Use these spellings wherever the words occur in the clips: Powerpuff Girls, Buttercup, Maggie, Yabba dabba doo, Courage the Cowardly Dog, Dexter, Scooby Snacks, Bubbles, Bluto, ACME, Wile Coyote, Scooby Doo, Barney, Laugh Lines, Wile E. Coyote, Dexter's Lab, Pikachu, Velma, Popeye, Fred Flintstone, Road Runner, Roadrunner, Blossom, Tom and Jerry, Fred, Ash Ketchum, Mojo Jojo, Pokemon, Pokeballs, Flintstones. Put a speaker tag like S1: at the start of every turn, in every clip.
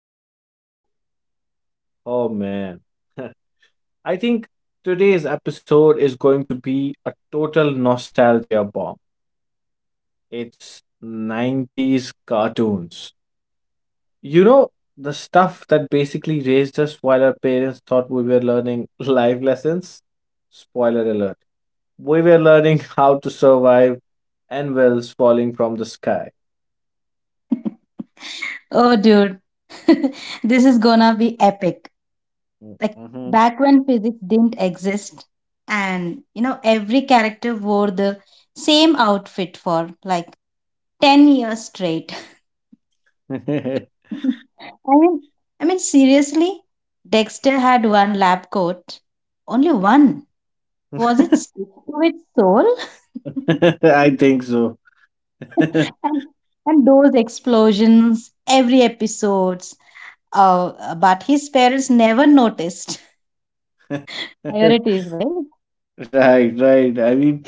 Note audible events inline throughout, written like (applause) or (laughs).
S1: Laugh Lines. Oh man. (laughs) I think today's episode is going to be a total nostalgia bomb. It's '90s cartoons. You know, the stuff that basically raised us while our parents thought we were learning (laughs) life lessons. Spoiler alert. We were learning how to survive anvils falling from the sky.
S2: Oh, dude, (laughs) this is gonna be epic. Like
S1: Mhm.
S2: back when physics didn't exist, and you know, every character wore the same outfit for like 10 years straight.
S1: (laughs) (laughs)
S2: (laughs) I mean, I mean, seriously, Dexter had one lab coat, only one. Was it stick to its soul?
S1: I think so. (laughs)
S2: (laughs) and, and those explosions, every episodes. But his parents never noticed.
S1: (laughs)
S2: Priorities, right?
S1: Right, right. I mean,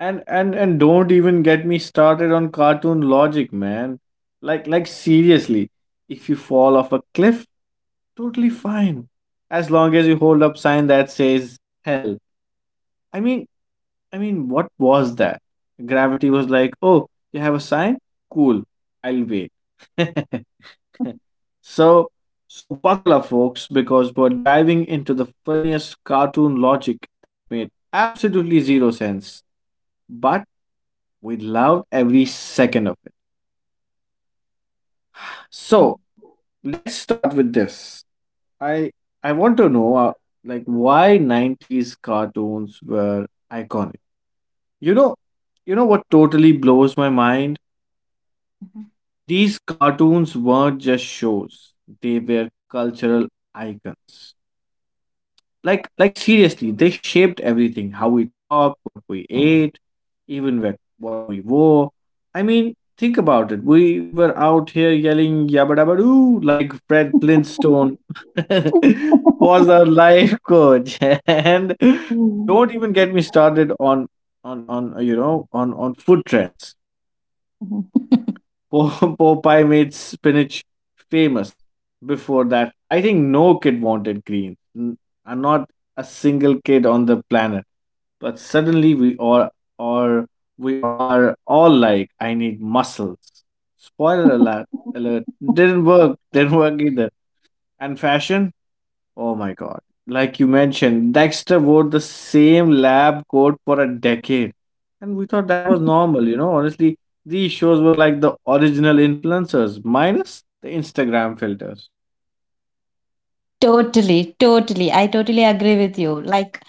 S1: and don't even get me started on cartoon logic, man. Like seriously, if you fall off a cliff, totally fine. As long as you hold up sign that says help. I mean, I mean, what was that? Gravity was like, "Oh, you have a sign? Cool. I'll wait." (laughs) So, so, buckle up, folks, because we're diving into the funniest cartoon logic that made absolutely zero sense, but we loved every second of it. So,
S2: (laughs)
S1: let's start with this. I I want to know, like, why '90s cartoons were iconic. You know, you know what totally blows my mind? These cartoons weren't just shows; they were cultural icons. Like seriously, they shaped everything. How we talked, what we ate, even what we wore. I mean, think about it. We were out here yelling yabba dabba doo like Fred Flintstone (laughs) was our life coach. (laughs) And
S2: Mm.
S1: don't even get me started on you know on food trends. Po- (laughs) Popeye made spinach famous. Before that, I think no kid wanted green. Not a single kid on the planet. But suddenly are we are all like, I need muscles. Spoiler alert! Alert! Didn't work. (laughs) Didn't work either. And fashion? Oh my God. Like you mentioned, Dexter wore the same lab coat for a decade. And we thought that was normal, you know. Honestly, these shows were like the original influencers, minus the Instagram filters.
S2: Totally. I totally agree with you. Like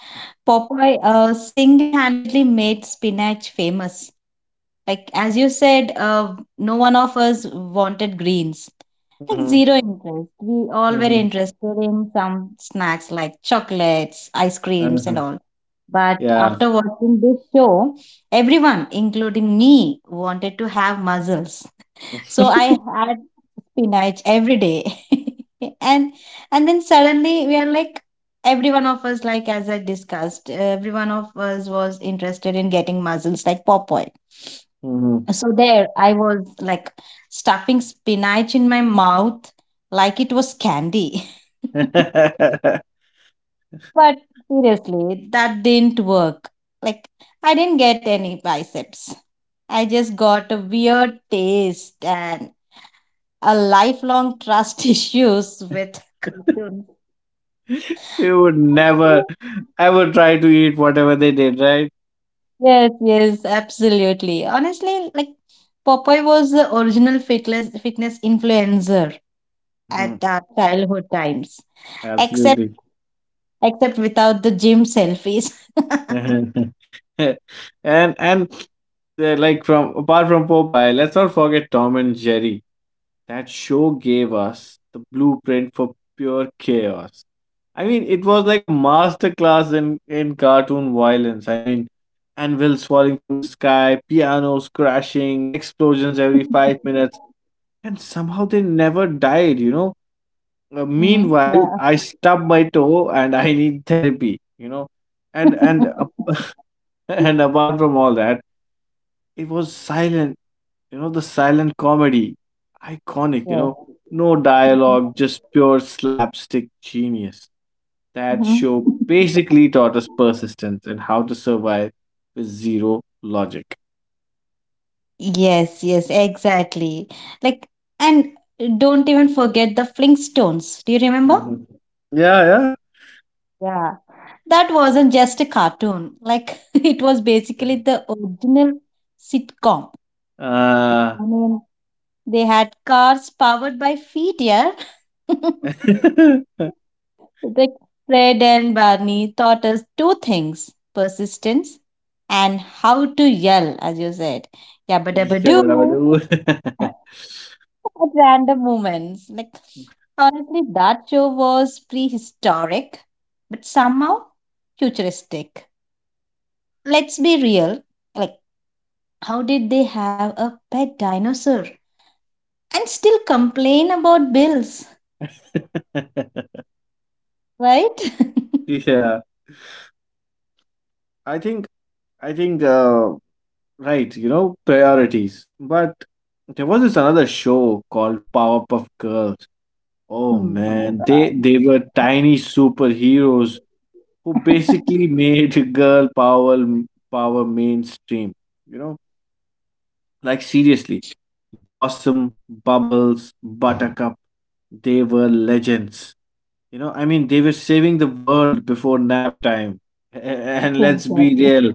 S2: Popeye single-handedly made spinach famous. Like as you said, no one of us wanted greens. Like
S1: Mm-hmm.
S2: zero interest. We all were
S1: Mm-hmm.
S2: interested in some snacks like chocolates, ice creams, and
S1: Uh-huh.
S2: all. But
S1: Yeah.
S2: after watching this show, everyone, including me, wanted to have mussels. (laughs) So I
S1: (laughs)
S2: had spinach every day. (laughs) and and then suddenly we are like every one of us, like as I discussed, every one of us was interested in getting mussels like Popeye.
S1: Mhm.
S2: So there I was like stuffing spinach in my mouth like it was candy. (laughs)
S1: (laughs)
S2: But seriously, that didn't work. Like, I didn't get any biceps. I just got a weird taste and a lifelong trust (laughs) issues with cartoons.
S1: You would
S2: Honestly,
S1: never ever try to eat whatever they did, right?
S2: yes, yes, absolutely. Honestly, like Popeye was the original fitness influencer
S1: Mm-hmm.
S2: at our childhood times. Except
S1: Absolutely.
S2: except without the gym selfies.
S1: (laughs)
S2: (laughs)
S1: and and like from apart from Popeye, let's not forget Tom and Jerry. That show gave us the blueprint for pure chaos. I mean, it was like a masterclass in cartoon violence. I mean, anvils falling from the sky, pianos crashing, explosions every 5 minutes, and somehow they never died. You know.
S2: hmm,
S1: Meanwhile,
S2: yeah.
S1: I stubbed my toe and I need therapy. You know, and and
S2: (laughs)
S1: and apart from all that, it was silent, you know, the silent comedy. Iconic, you
S2: Yes.
S1: know, no
S2: Mhm.
S1: dialogue, just pure slapstick genius. That show
S2: Mhm.
S1: basically taught us persistence and how to survive with zero logic.
S2: Yes, exactly. Like, and don't even forget the Flintstones. Do you remember?
S1: Mhm. Yeah,
S2: Yeah. That wasn't just a cartoon. Like, (laughs) it was
S1: yeah.
S2: basically
S1: Mhm.
S2: the original sitcom.
S1: Uh,
S2: I mean, they had cars powered by feet, yeah. (laughs)
S1: (laughs)
S2: Like Fred and Barney taught us two things persistence and how to yell, as you said. Yabba dabba
S1: क्या बड़ा
S2: doo
S1: बड़ू।
S2: (laughs) at random moments. Like, honestly, that show was prehistoric, but somehow futuristic. Let's be real. Like, how did they have a pet dinosaur and still complain about bills,
S1: (laughs)
S2: right? (laughs)
S1: Yeah, I think, I think, right, you know, priorities. But there was this another show called Powerpuff Girls. Oh
S2: Oh my
S1: man, they were tiny
S2: god.
S1: superheroes who
S2: (laughs)
S1: basically made (laughs) girl power mainstream. You know, like seriously, Blossom, Bubbles, Buttercup, they were legends. You know, I mean, they were saving the world before nap time. (laughs) And let's be
S2: Exactly.
S1: real,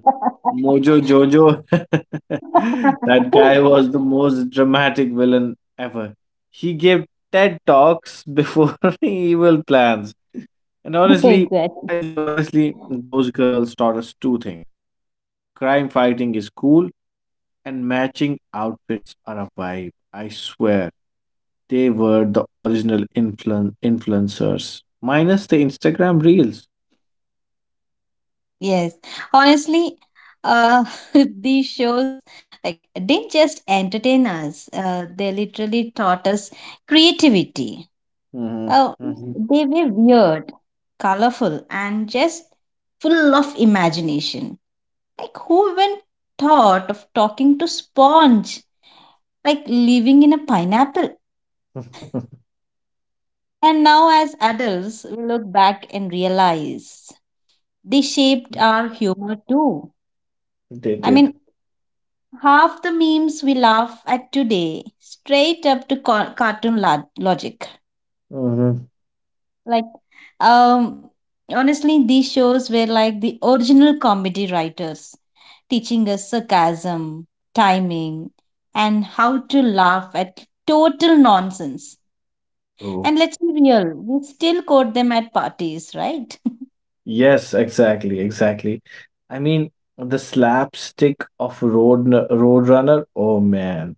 S1: Mojo Jojo, (laughs) that guy was the
S2: (laughs)
S1: most dramatic villain ever. He gave TED Talks before (laughs) evil plans. And honestly,
S2: Exactly.
S1: I think honestly, those girls taught us two things. Crime fighting is cool, and matching outfits are a vibe, I swear. They were the influencers, minus the Instagram reels.
S2: Yes. Honestly, uh, (laughs) these shows like didn't just entertain us. They literally taught us creativity.
S1: Mhm,
S2: Oh,
S1: mhm.
S2: they were weird, colorful, and just full of imagination. Like who even thought of talking to sponge? Like living in a pineapple?
S1: (laughs)
S2: And now, as adults, we look back and realize they shaped our humor too.
S1: They
S2: I mean,
S1: did.
S2: half the memes we laugh at today, straight up to ca- cartoon lo- logic.
S1: Mhm.
S2: Like, um, honestly, these shows were like the original comedy writers teaching us sarcasm, timing, and how to laugh at total nonsense.
S1: True.
S2: And let's be real, we still quote them at parties, right?
S1: Yes, exactly. I mean, the slapstick of Roadrunner. Oh man,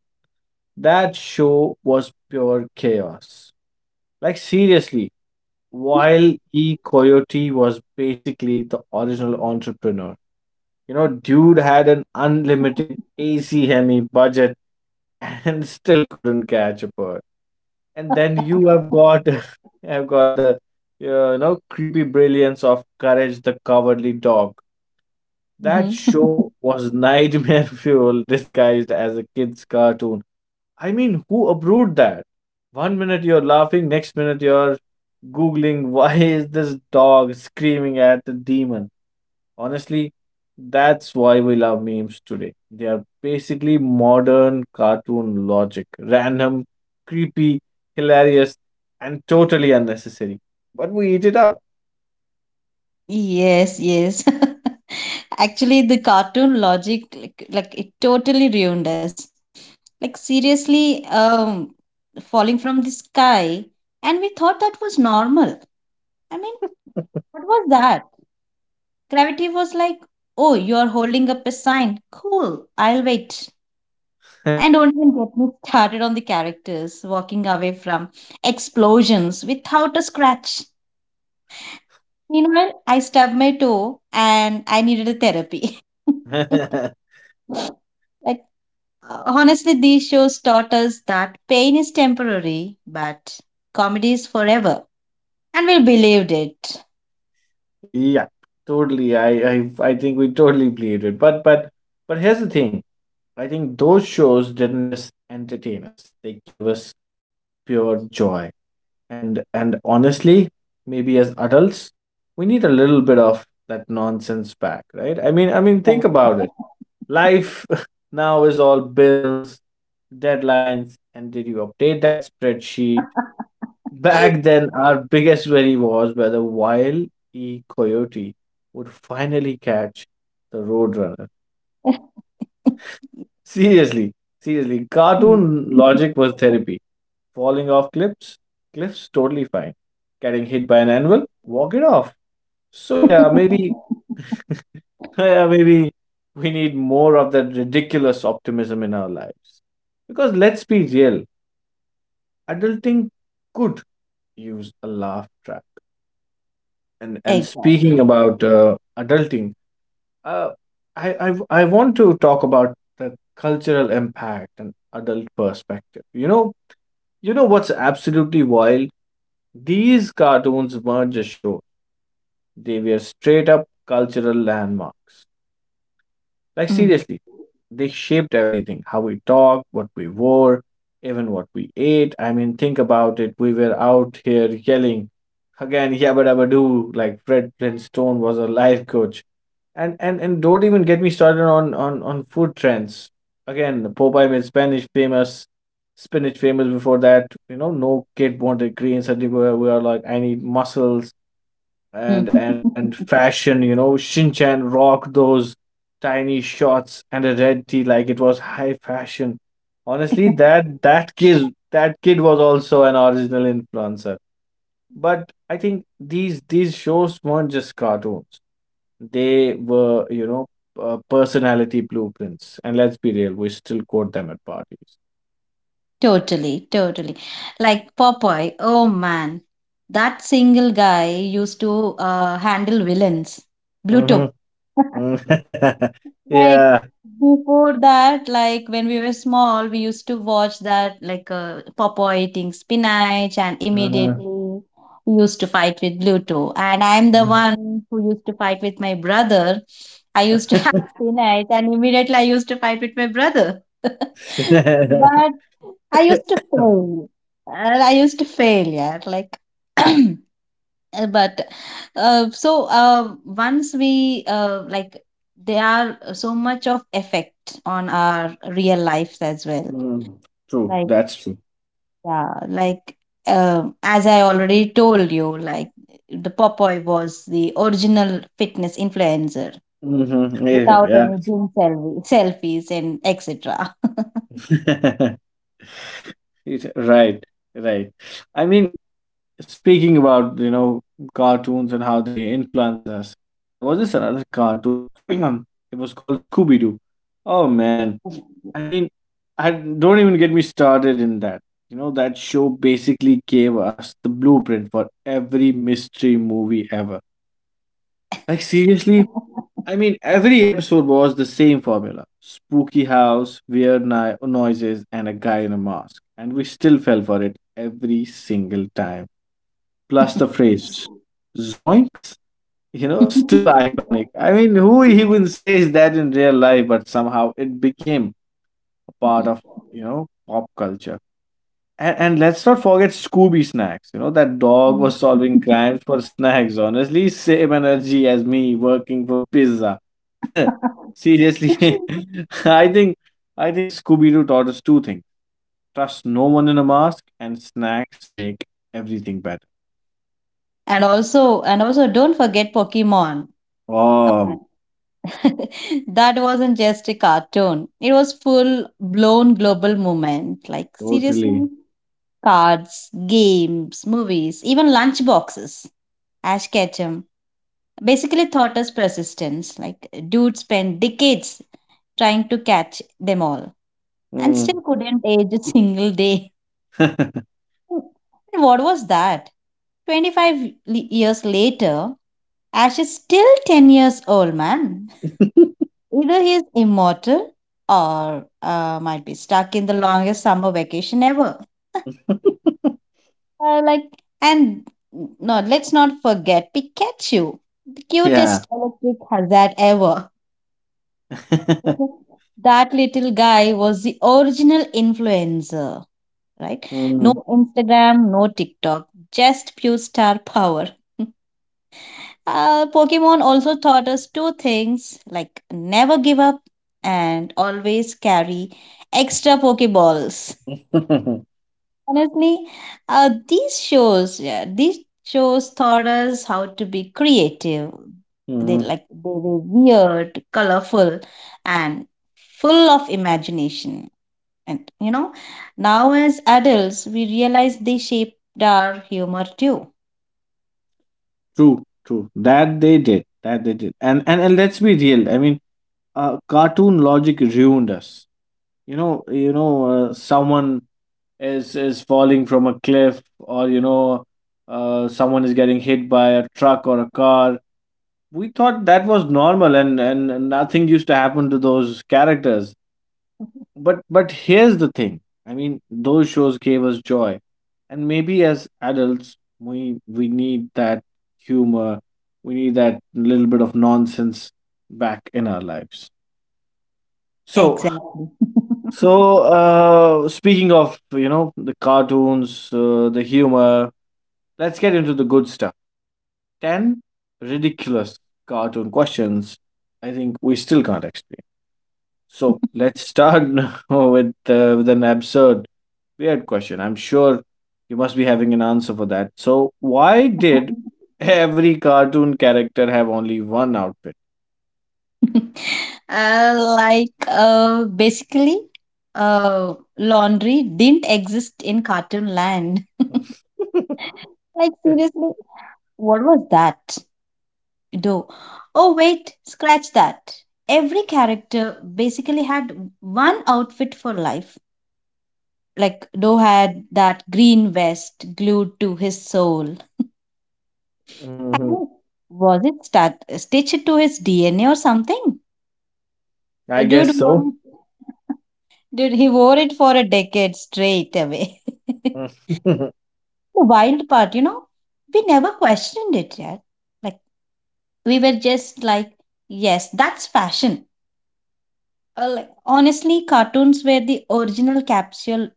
S1: that show was pure chaos. Like seriously, while E. Coyote was basically the original entrepreneur. You know, dude had an unlimited AC Hemi budget and (laughs) still couldn't catch a bird. And then you have
S2: (laughs)
S1: got (laughs) have got the you know creepy brilliance of Courage the Cowardly Dog. That
S2: Mhm. (laughs)
S1: show was nightmare (laughs) fuel disguised as a kid's cartoon. I mean, who approved that? One minute you're laughing, next minute you're googling (laughs) why is this dog screaming at the demon? Honestly, that's why we love memes today. They are basically modern cartoon logic random, creepy, hilarious, and totally unnecessary. But we eat it up.
S2: Yes. (laughs) Actually, the cartoon logic, like it totally ruined us. Like seriously, falling from the sky, and we thought that was normal. I mean,
S1: (laughs)
S2: what was that? Gravity was like, oh, you're holding up a sign. Cool, I'll wait. And don't even get me started on the characters walking away from explosions without a scratch. Meanwhile, I stubbed my toe and I needed a therapy. (laughs) Like, honestly, these shows taught us that pain is temporary, but comedy is forever. And we believed it.
S1: Yeah, totally. I think we totally believed it. But here's the thing. I think those shows didn't just entertain us. They gave us pure joy. And honestly, maybe as adults we need a little bit of that nonsense back, right? I mean, think
S2: Exactly.
S1: about it. Life (laughs) now is all bills, deadlines, and did you update that spreadsheet? Back
S2: (laughs)
S1: then our biggest worry was whether Wild E. Coyote would finally catch the roadrunner. Seriously seriously
S2: Hmm.
S1: cartoon
S2: (laughs)
S1: logic was therapy. Falling off cliffs, totally fine. Getting hit by an anvil, walk it off. So yeah, maybe (laughs) yeah maybe we need more of that ridiculous optimism in our lives, because let's be real, adulting could use a laugh track. And speaking
S2: Exactly.
S1: about adulting, uh, I, I I want to talk about the cultural impact and adult perspective, you know. You know what's absolutely wild? These cartoons weren't just shows, they were straight up cultural landmarks. Like,
S2: Mhm.
S1: seriously, they shaped everything, how we talked, what we wore, even what we ate. I mean, think about it. We were out here yelling, again, yabba dabba doo, like Fred Flintstone was a life coach. And don't even get me started on food trends. Again, Popeye made Spanish famous, spinach famous before that. You know, no kid wanted greens, and we were like, I need mussels.
S2: Mm.
S1: And fashion, you know, Shinchan rocked those tiny shorts and a red tee like it was high fashion. Honestly,
S2: (laughs)
S1: that kid was also an original influencer. But I think these shows weren't just cartoons, they were, you know, personality blueprints. And let's be real, we still quote them at parties.
S2: Totally. Like Popeye, oh man, that single guy used to handle villains. Bluto,
S1: Hmm. (laughs)
S2: like
S1: Yeah.
S2: before that, like when we were small, we used to watch that like Popeye eating spinach, and immediately we used to fight with Bluto. And I'm the one who used to fight with my brother. I used to have (laughs) spinach, and immediately I used to fight with my brother. (laughs) But I used to
S1: Uh, (laughs)
S2: fail. I used to fail, yeah. Like (clears throat) but so once we like they are so much of effect on our real lives as well
S1: Mm, true.
S2: like
S1: That's true.
S2: yeah like as I already told you like the popeye was the original fitness influencer
S1: Hmm. Yeah.
S2: without any
S1: Yeah.
S2: gym selfie, (laughs) selfies and etc.
S1: (laughs) Right. Right. I mean, speaking about, you know, cartoons and how they influence us, there was this another cartoon. (clears throat) It was called Scooby Doo. Oh, man. I mean, I don't even get me started in that. You know, that show basically gave us the blueprint for every mystery movie ever. Like, seriously, I mean, every episode was the same formula, spooky house, noises, and a guy in a mask. And we still fell for it every single time. Plus the
S2: (laughs)
S1: phrase zoinks, you know, (laughs) still iconic. I mean, who even says that in real life, but somehow it became a part of, you know, pop culture. And let's not forget Scooby Snacks. You know, that dog was
S2: Mhm.
S1: solving crimes for snacks, honestly. Same energy as me working for pizza. (laughs) Seriously,
S2: (laughs)
S1: (laughs) I think I think Scooby Doo taught us two things: trust no one in a mask, and snacks make everything better.
S2: And also don't forget Pokemon. Come
S1: Oh,
S2: on. (laughs) That wasn't just a cartoon. It was full blown global movement. Like
S1: totally.
S2: seriously, cards, games, movies, even lunch boxes. Ash Ketchum basically taught us persistence. Like dude, spent decades trying to catch them all and
S1: Mm.
S2: still couldn't age a single day. (laughs) And what was that? 25 le- years later, Ash is still 10 years old, man.
S1: (laughs)
S2: Either he is immortal or might be stuck in the longest summer vacation ever. (laughs) Uh, like, and no, let's not forget Pikachu, the
S1: Yeah.
S2: cutest electric hazard ever.
S1: (laughs)
S2: (laughs) That little guy was the original influencer, right? No
S1: Mm.
S2: Instagram, no TikTok, just pure star power. (laughs) Pokemon also taught us two things like never give up and always carry extra Pokeballs.
S1: (laughs)
S2: Honestly, these shows taught us how to be creative. They
S1: Mhm.
S2: like they were weird, colorful, and full of imagination. And you know, now as adults, we realize they shaped our humor too.
S1: True. That they did. And let's be real. I mean, cartoon logic ruined us. You know, someone is falling from a cliff, or you know, someone is getting hit by a truck or a car, we thought that was normal, and nothing used to happen to those characters. But here's the thing. I mean, those shows gave us joy, and maybe as adults we need that humor, we need that little bit of nonsense back in our lives. So
S2: Exactly.
S1: so uh, speaking of, you know, the cartoons, the humor, let's get into the good stuff. 10 ridiculous cartoon questions I think we still can't explain. So let's start (laughs) now with an absurd, weird question. I'm sure you must be having an answer for that. So, why did
S2: (laughs)
S1: every cartoon character have only one outfit?
S2: (laughs) Like basically laundry didn't exist in cartoon land. (laughs)
S1: (laughs)
S2: Like seriously what was that do oh wait scratch that every character basically had one outfit for life like do had that green vest glued to his soul. (laughs) I
S1: Mhm.
S2: mean, was it stat- stitched to his DNA or something?
S1: I
S2: dude
S1: guess
S2: wore it
S1: so.
S2: Dude, he wore it for a decade straight away. (laughs) The
S1: (laughs)
S2: wild part, you know, we never questioned it yet. Like, we were just like, yes, that's fashion. Honestly, cartoons were the original capsule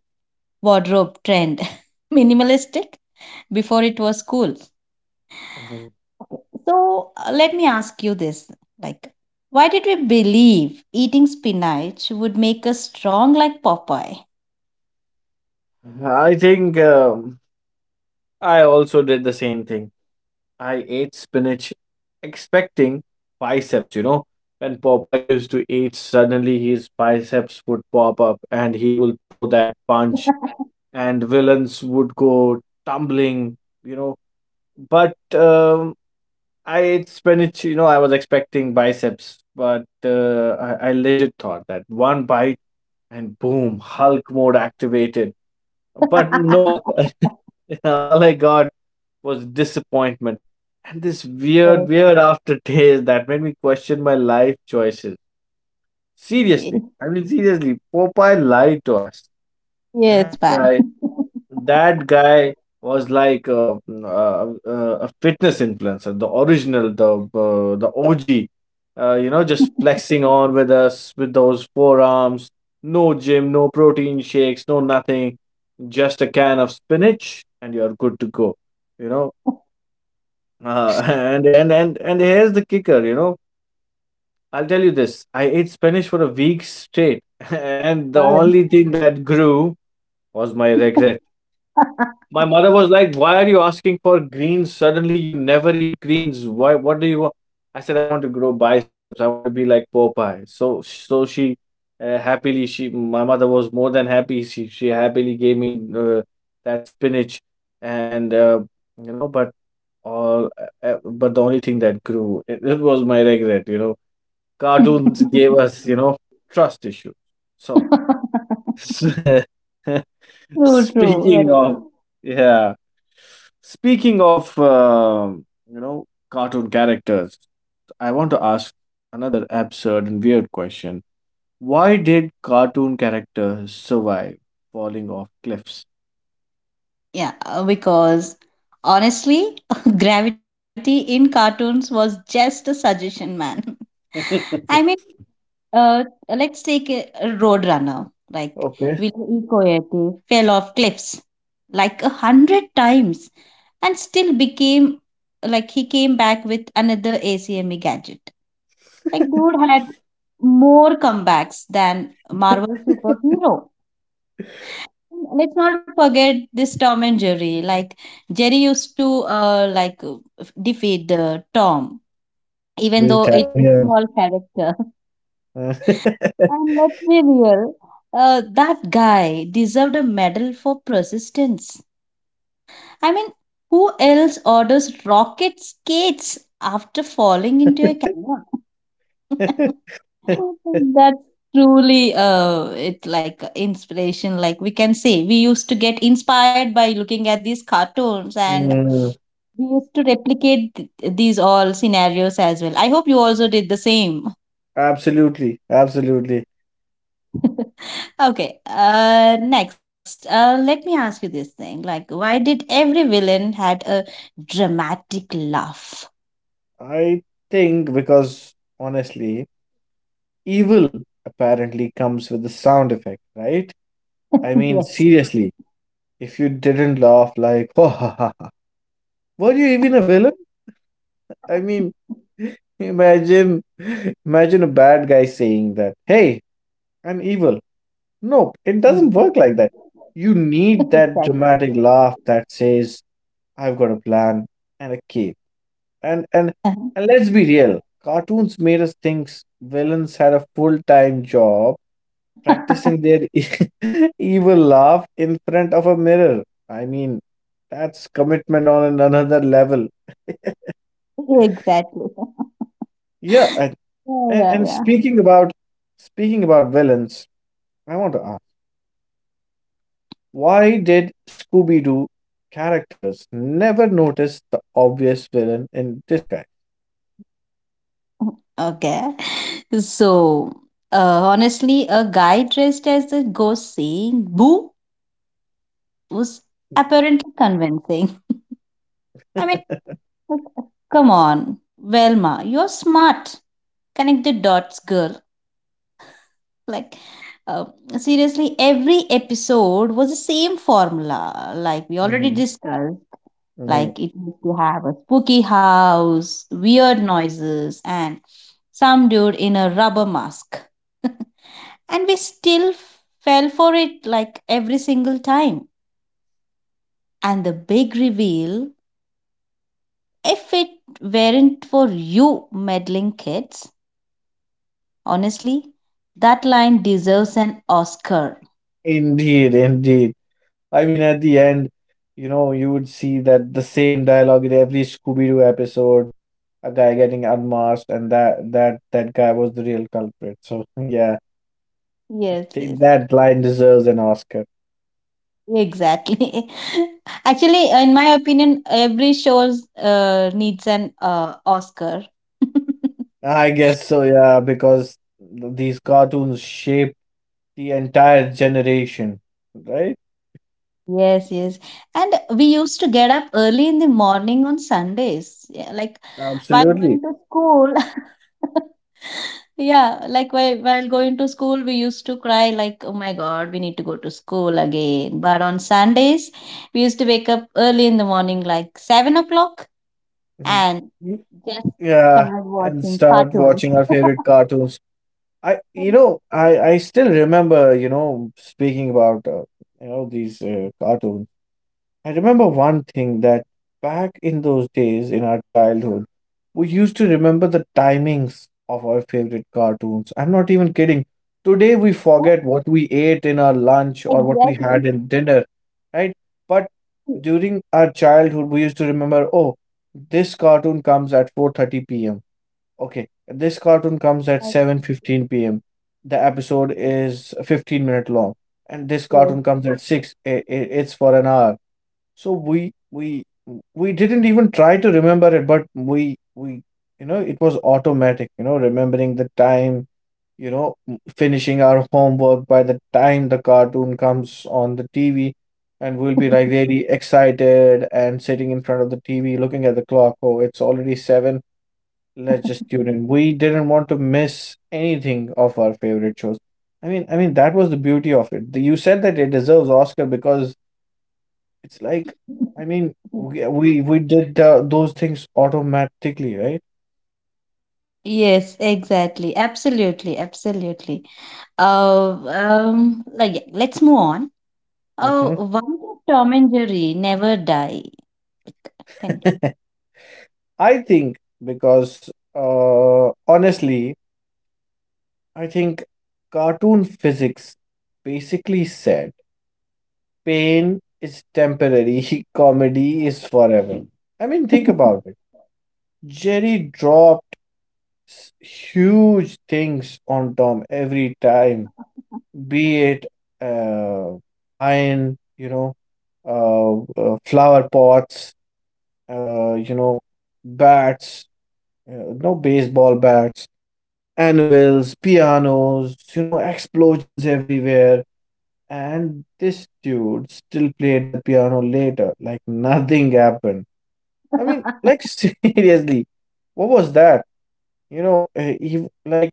S2: wardrobe trend. (laughs) Minimalistic before it was cool. Okay, so, let me ask you this. Like, why did we believe eating spinach would make us strong like Popeye?
S1: I think I also did the same thing. I ate spinach expecting biceps, you know. When Popeye used to eat, suddenly his biceps would pop up and he would throw that punch, and villains would go tumbling, you know. But I ate spinach, you know, I was expecting biceps, but I legit thought that one bite and boom, Hulk mode activated. But nope, (laughs) all I got was disappointment and this weird,
S2: (laughs)
S1: weird aftertaste that made me question my life choices.
S2: Yes.
S1: Seriously, seriously, Popeye lied to us.
S2: Yes,
S1: That
S2: man.
S1: guy, that guy was like a fitness influencer, the original, the OG. You know, just flexing on with us with those forearms. No gym, no protein shakes, no nothing. Just a can of spinach, and you're good to go. You know, (laughs) and here's the kicker, you know. I'll tell you this. I ate Spanish for a week straight, (laughs) and
S2: (laughs)
S1: the
S2: God.
S1: only thing that grew was my regret.
S2: (laughs)
S1: My mother was like, "Why are you asking for greens? Suddenly you never eat greens. Why? What do you want?" I said, "I want to grow biceps. I want to be like Popeye." So she happily she my mother was more than happy. She happily gave me that spinach, and you know, but but the only thing that grew it was my regret. Cartoons gave us trust issue. So (laughs)
S2: True,
S1: speaking
S2: very
S1: of,
S2: true.
S1: yeah, speaking of you know, cartoon characters, I want to ask another absurd and weird question. Why did cartoon characters survive falling off cliffs?
S2: Yeah, because honestly, (laughs) gravity in cartoons was just a suggestion, man.
S1: (laughs)
S2: (laughs)
S1: Okay.
S2: I mean, Uh, let's take a road runner, like Ville Coyote fell off cliffs like 100 times and still became like he came back with another ACME gadget. Like dude had more comebacks than Marvel superhero. Let's not forget this Tom and Jerry. Like Jerry used to defeat the Tom, even
S1: Every
S2: though
S1: time,
S2: it's a
S1: yeah.
S2: small character.
S1: Uh,
S2: And let's be real, that guy deserved a medal for persistence. I mean, who else orders rocket skates after falling into a canyon?
S1: (laughs)
S2: (laughs) That's truly it's like inspiration like we can say we used to get inspired by looking at these cartoons and
S1: Mm,
S2: we used to replicate th- these all scenarios as well. I hope you also did the same.
S1: absolutely, absolutely.
S2: (laughs) Okay, next, let me ask you this thing. Like, why did every villain had a dramatic laugh? (laughs)
S1: I think because honestly, evil apparently comes with the sound effect, right? I mean,
S2: Yes.
S1: seriously, if you didn't laugh like, (laughs) ha ha ha, ha," were you even a villain? I mean, (laughs) imagine, imagine a bad guy saying that, hey, I'm evil. No, it doesn't work
S2: Mm.
S1: like that. You need
S2: (laughs)
S1: that
S2: Exactly.
S1: dramatic laugh that says, I've got a plan and a key. And and and let's be real. Cartoons made us think villains had a full-time job practicing their (laughs) evil laugh in front of a mirror. I mean, that's commitment on another level.
S2: (laughs) Exactly.
S1: Yeah, and, and
S2: Yeah,
S1: and
S2: yeah,
S1: speaking about villains, I want to— Why did Scooby Doo characters never notice the obvious villain in disguise?
S2: yeah. Okay. So, honestly, a guy dressed as a ghost saying boo was apparently convincing. (laughs) I mean, like, come on, Velma, you're smart. Connect the dots, girl. Like uh, seriously every episode was the same formula like we already
S1: Mhm.
S2: discussed
S1: Mhm.
S2: like it used to have a spooky house weird noises and some dude in a rubber mask. (laughs) And we still f- fell for it like every single time. And the big reveal, if it weren't for you meddling kids, honestly that line deserves an Oscar.
S1: Indeed, indeed. I mean, at the end, you know, you would see that the same dialogue in every Scooby-Doo episode, a guy getting unmasked, and that guy was the real culprit. So (laughs) yeah,
S2: Yes, yes.
S1: that line deserves an Oscar.
S2: Exactly. (laughs) Actually, in my opinion, every shows needs an Oscar. (laughs)
S1: I guess so, yeah, because these cartoons shaped the entire generation, right?
S2: Yes, yes. And we used to get up early in the morning on Sundays. Yeah, like while
S1: Absolutely.
S2: going to school. (laughs) Yeah, like while going to school, we used to cry like, "Oh my God, we need to go to school again." But on Sundays, we used to wake up early in the morning, like 7 o'clock,
S1: Y-
S2: and
S1: y-
S2: just
S1: Yeah,
S2: start
S1: and
S2: watching
S1: start
S2: cartoons.
S1: watching our favorite
S2: (laughs)
S1: cartoons. I still remember, you know, speaking about you know, these cartoons. I remember one thing: that back in those days in our childhood, we used to remember the timings of our favorite cartoons. I'm not even kidding. Today we
S2: Yeah,
S1: forget what we ate in our lunch or what we
S2: exactly.
S1: had in dinner, right? But during our childhood, we used to remember, oh, this cartoon comes at 4:30 p.m. Okay, this cartoon comes at
S2: Yes.
S1: 7:15 p.m. The episode is 15-minute long, and this
S2: Yes,
S1: cartoon comes at 6. It's for an hour. So we didn't even try to remember it, but we you know, it was automatic. You know, remembering the time. You know, finishing our homework by the time the cartoon comes on the TV, and we'll be like really excited and sitting in front of the TV, looking at the clock. Oh, it's already seven, let's just tune in. We didn't want to miss anything of our favorite shows. I mean that was the beauty of it. You said that it deserves Oscar because it's like, I mean, we did those things automatically, right?
S2: yes, exactly. Absolutely, absolutely. Like, yeah, let's move on.
S1: Hmm.
S2: Oh, why did Tom and Jerry never die? Can
S1: (laughs) I think because honestly, I think cartoon physics basically said pain is temporary, (laughs) comedy is forever. I mean, think about
S2: (laughs)
S1: it. Jerry dropped huge things on Tom every time, be it uh, iron, you know, flower pots, you know, bats, no, baseball bats, anvils, pianos, you know, explosions everywhere. And this dude still played the piano later, like nothing happened. I mean, like (laughs) seriously, what was that? You know,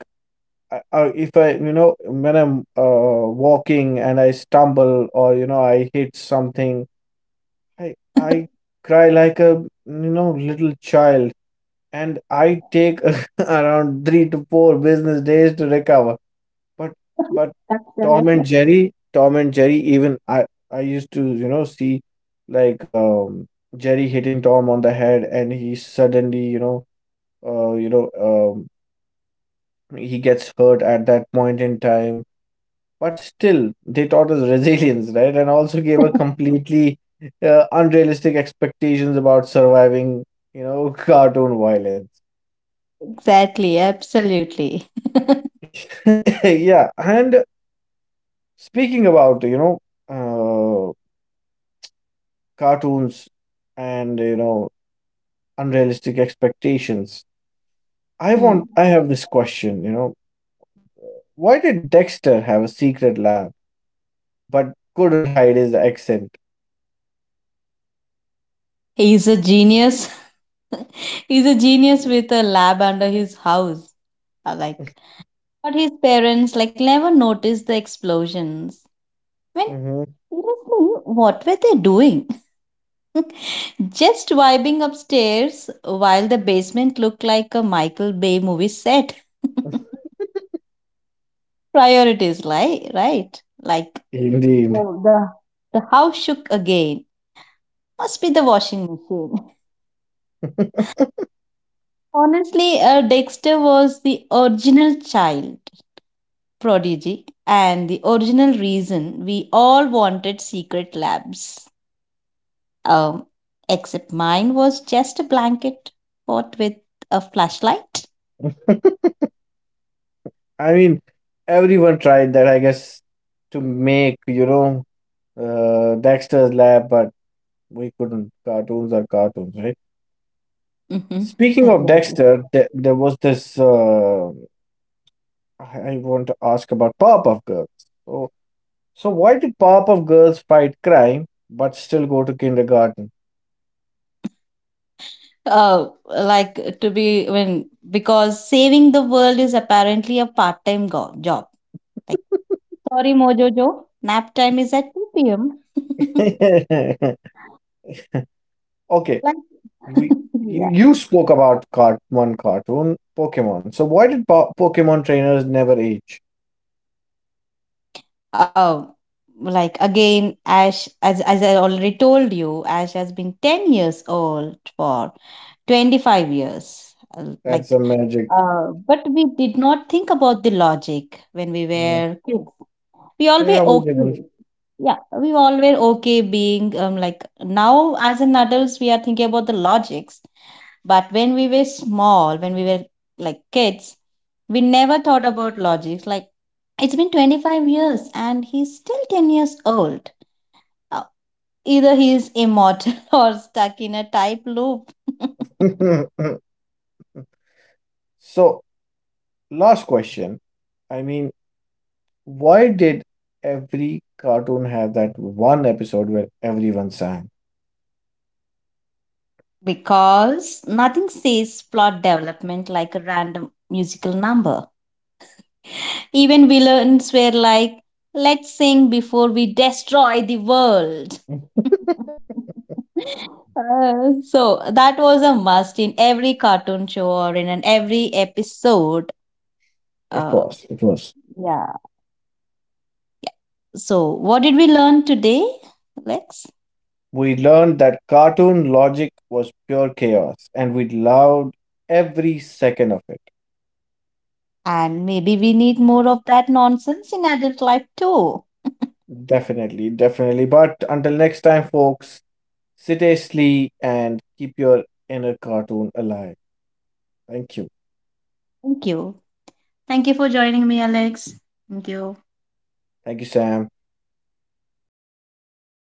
S1: I- if I, you know, when I'm walking and I stumble or, you know, I hit something, I cry like a, you know, little child, and I take (laughs) around three to four business days to recover. But but
S2: Absolutely.
S1: Tom and Jerry, even I used to, you know, see like Jerry hitting Tom on the head, and he suddenly, you know, uh, you know, um, he gets hurt at that point in time. But still, they taught us resilience, right? And also gave a completely unrealistic expectations about surviving, you know, cartoon violence.
S2: Exactly, absolutely.
S1: (laughs) Yeah. And speaking about, you know, uh, cartoons and, you know, unrealistic expectations,
S2: (laughs) Hmm.
S1: I have this question, you know, why did Dexter have a secret lab but couldn't hide his accent?
S2: He's a genius. (laughs) He's a genius with a lab under his house. Uh, Like,
S1: (laughs)
S2: but his parents like never noticed the explosions. When
S1: Hmm.
S2: seriously, what were they doing? (laughs) Just vibing upstairs while the basement looked like a Michael Bay movie set. (laughs)
S1: (laughs)
S2: Priorities, like right? Like
S1: Indeed.
S2: oh, the house shook again. Must be the washing machine. (laughs) Honestly, Dexter was the original child. Prodigy, and the original reason we all wanted secret labs. Um, except mine was just a blanket fought with a flashlight.
S1: (laughs) I mean, everyone tried that, I guess, to make, you know, Dexter's Lab, but we couldn't. Cartoons are cartoons, right?
S2: Hmm.
S1: Speaking of
S2: Exactly.
S1: Dexter, there was this. I want to ask about Powerpuff Girls. So, so why did Powerpuff Girls fight crime but still go to kindergarten?
S2: Like to be when because saving the world is apparently a part-time go- job. Like sorry, Mojojo, nap time is at 2 p.m. (laughs)
S1: (laughs) Okay,
S2: Like
S1: we you,
S2: (laughs)
S1: you spoke about cart one cartoon, Pokemon. So why did po Pokemon trainers never age?
S2: Oh, like again, Ash, as I already told you, Ash has been 10 years old for 25 years.
S1: That's a magic.
S2: But we did not think about the logic when we
S1: uh,
S2: were kids. We all were
S1: Yeah, we didn't.
S2: okay. Yeah, we all were okay being like now as an adults, we are thinking about the logics. But when we were small, when we were like kids, we never thought about logics. Like, it's been 25 years and he's still 10 years old. Uh, Either he is immortal (laughs) or stuck in a type loop. (laughs)
S1: (laughs) So, last question. I mean, why did every cartoon have that one episode where everyone sang?
S2: Because nothing says plot development like a random musical number. Even villains were like, let's sing before we destroy the world.
S1: (laughs)
S2: (laughs) So that was a must in every cartoon show or in an every episode.
S1: It
S2: Uh,
S1: was. It was.
S2: yeah. So, what did we learn today, Lex?
S1: We learned that cartoon logic was pure chaos and we loved every second of it.
S2: And maybe we need more of that nonsense in adult life too.
S1: Definitely, definitely. But until next time, folks, sit tastefully and keep your inner cartoon alive. Thank you.
S2: Thank you. Thank you for joining me, Alex. Thank you.
S1: Thank you, Sam.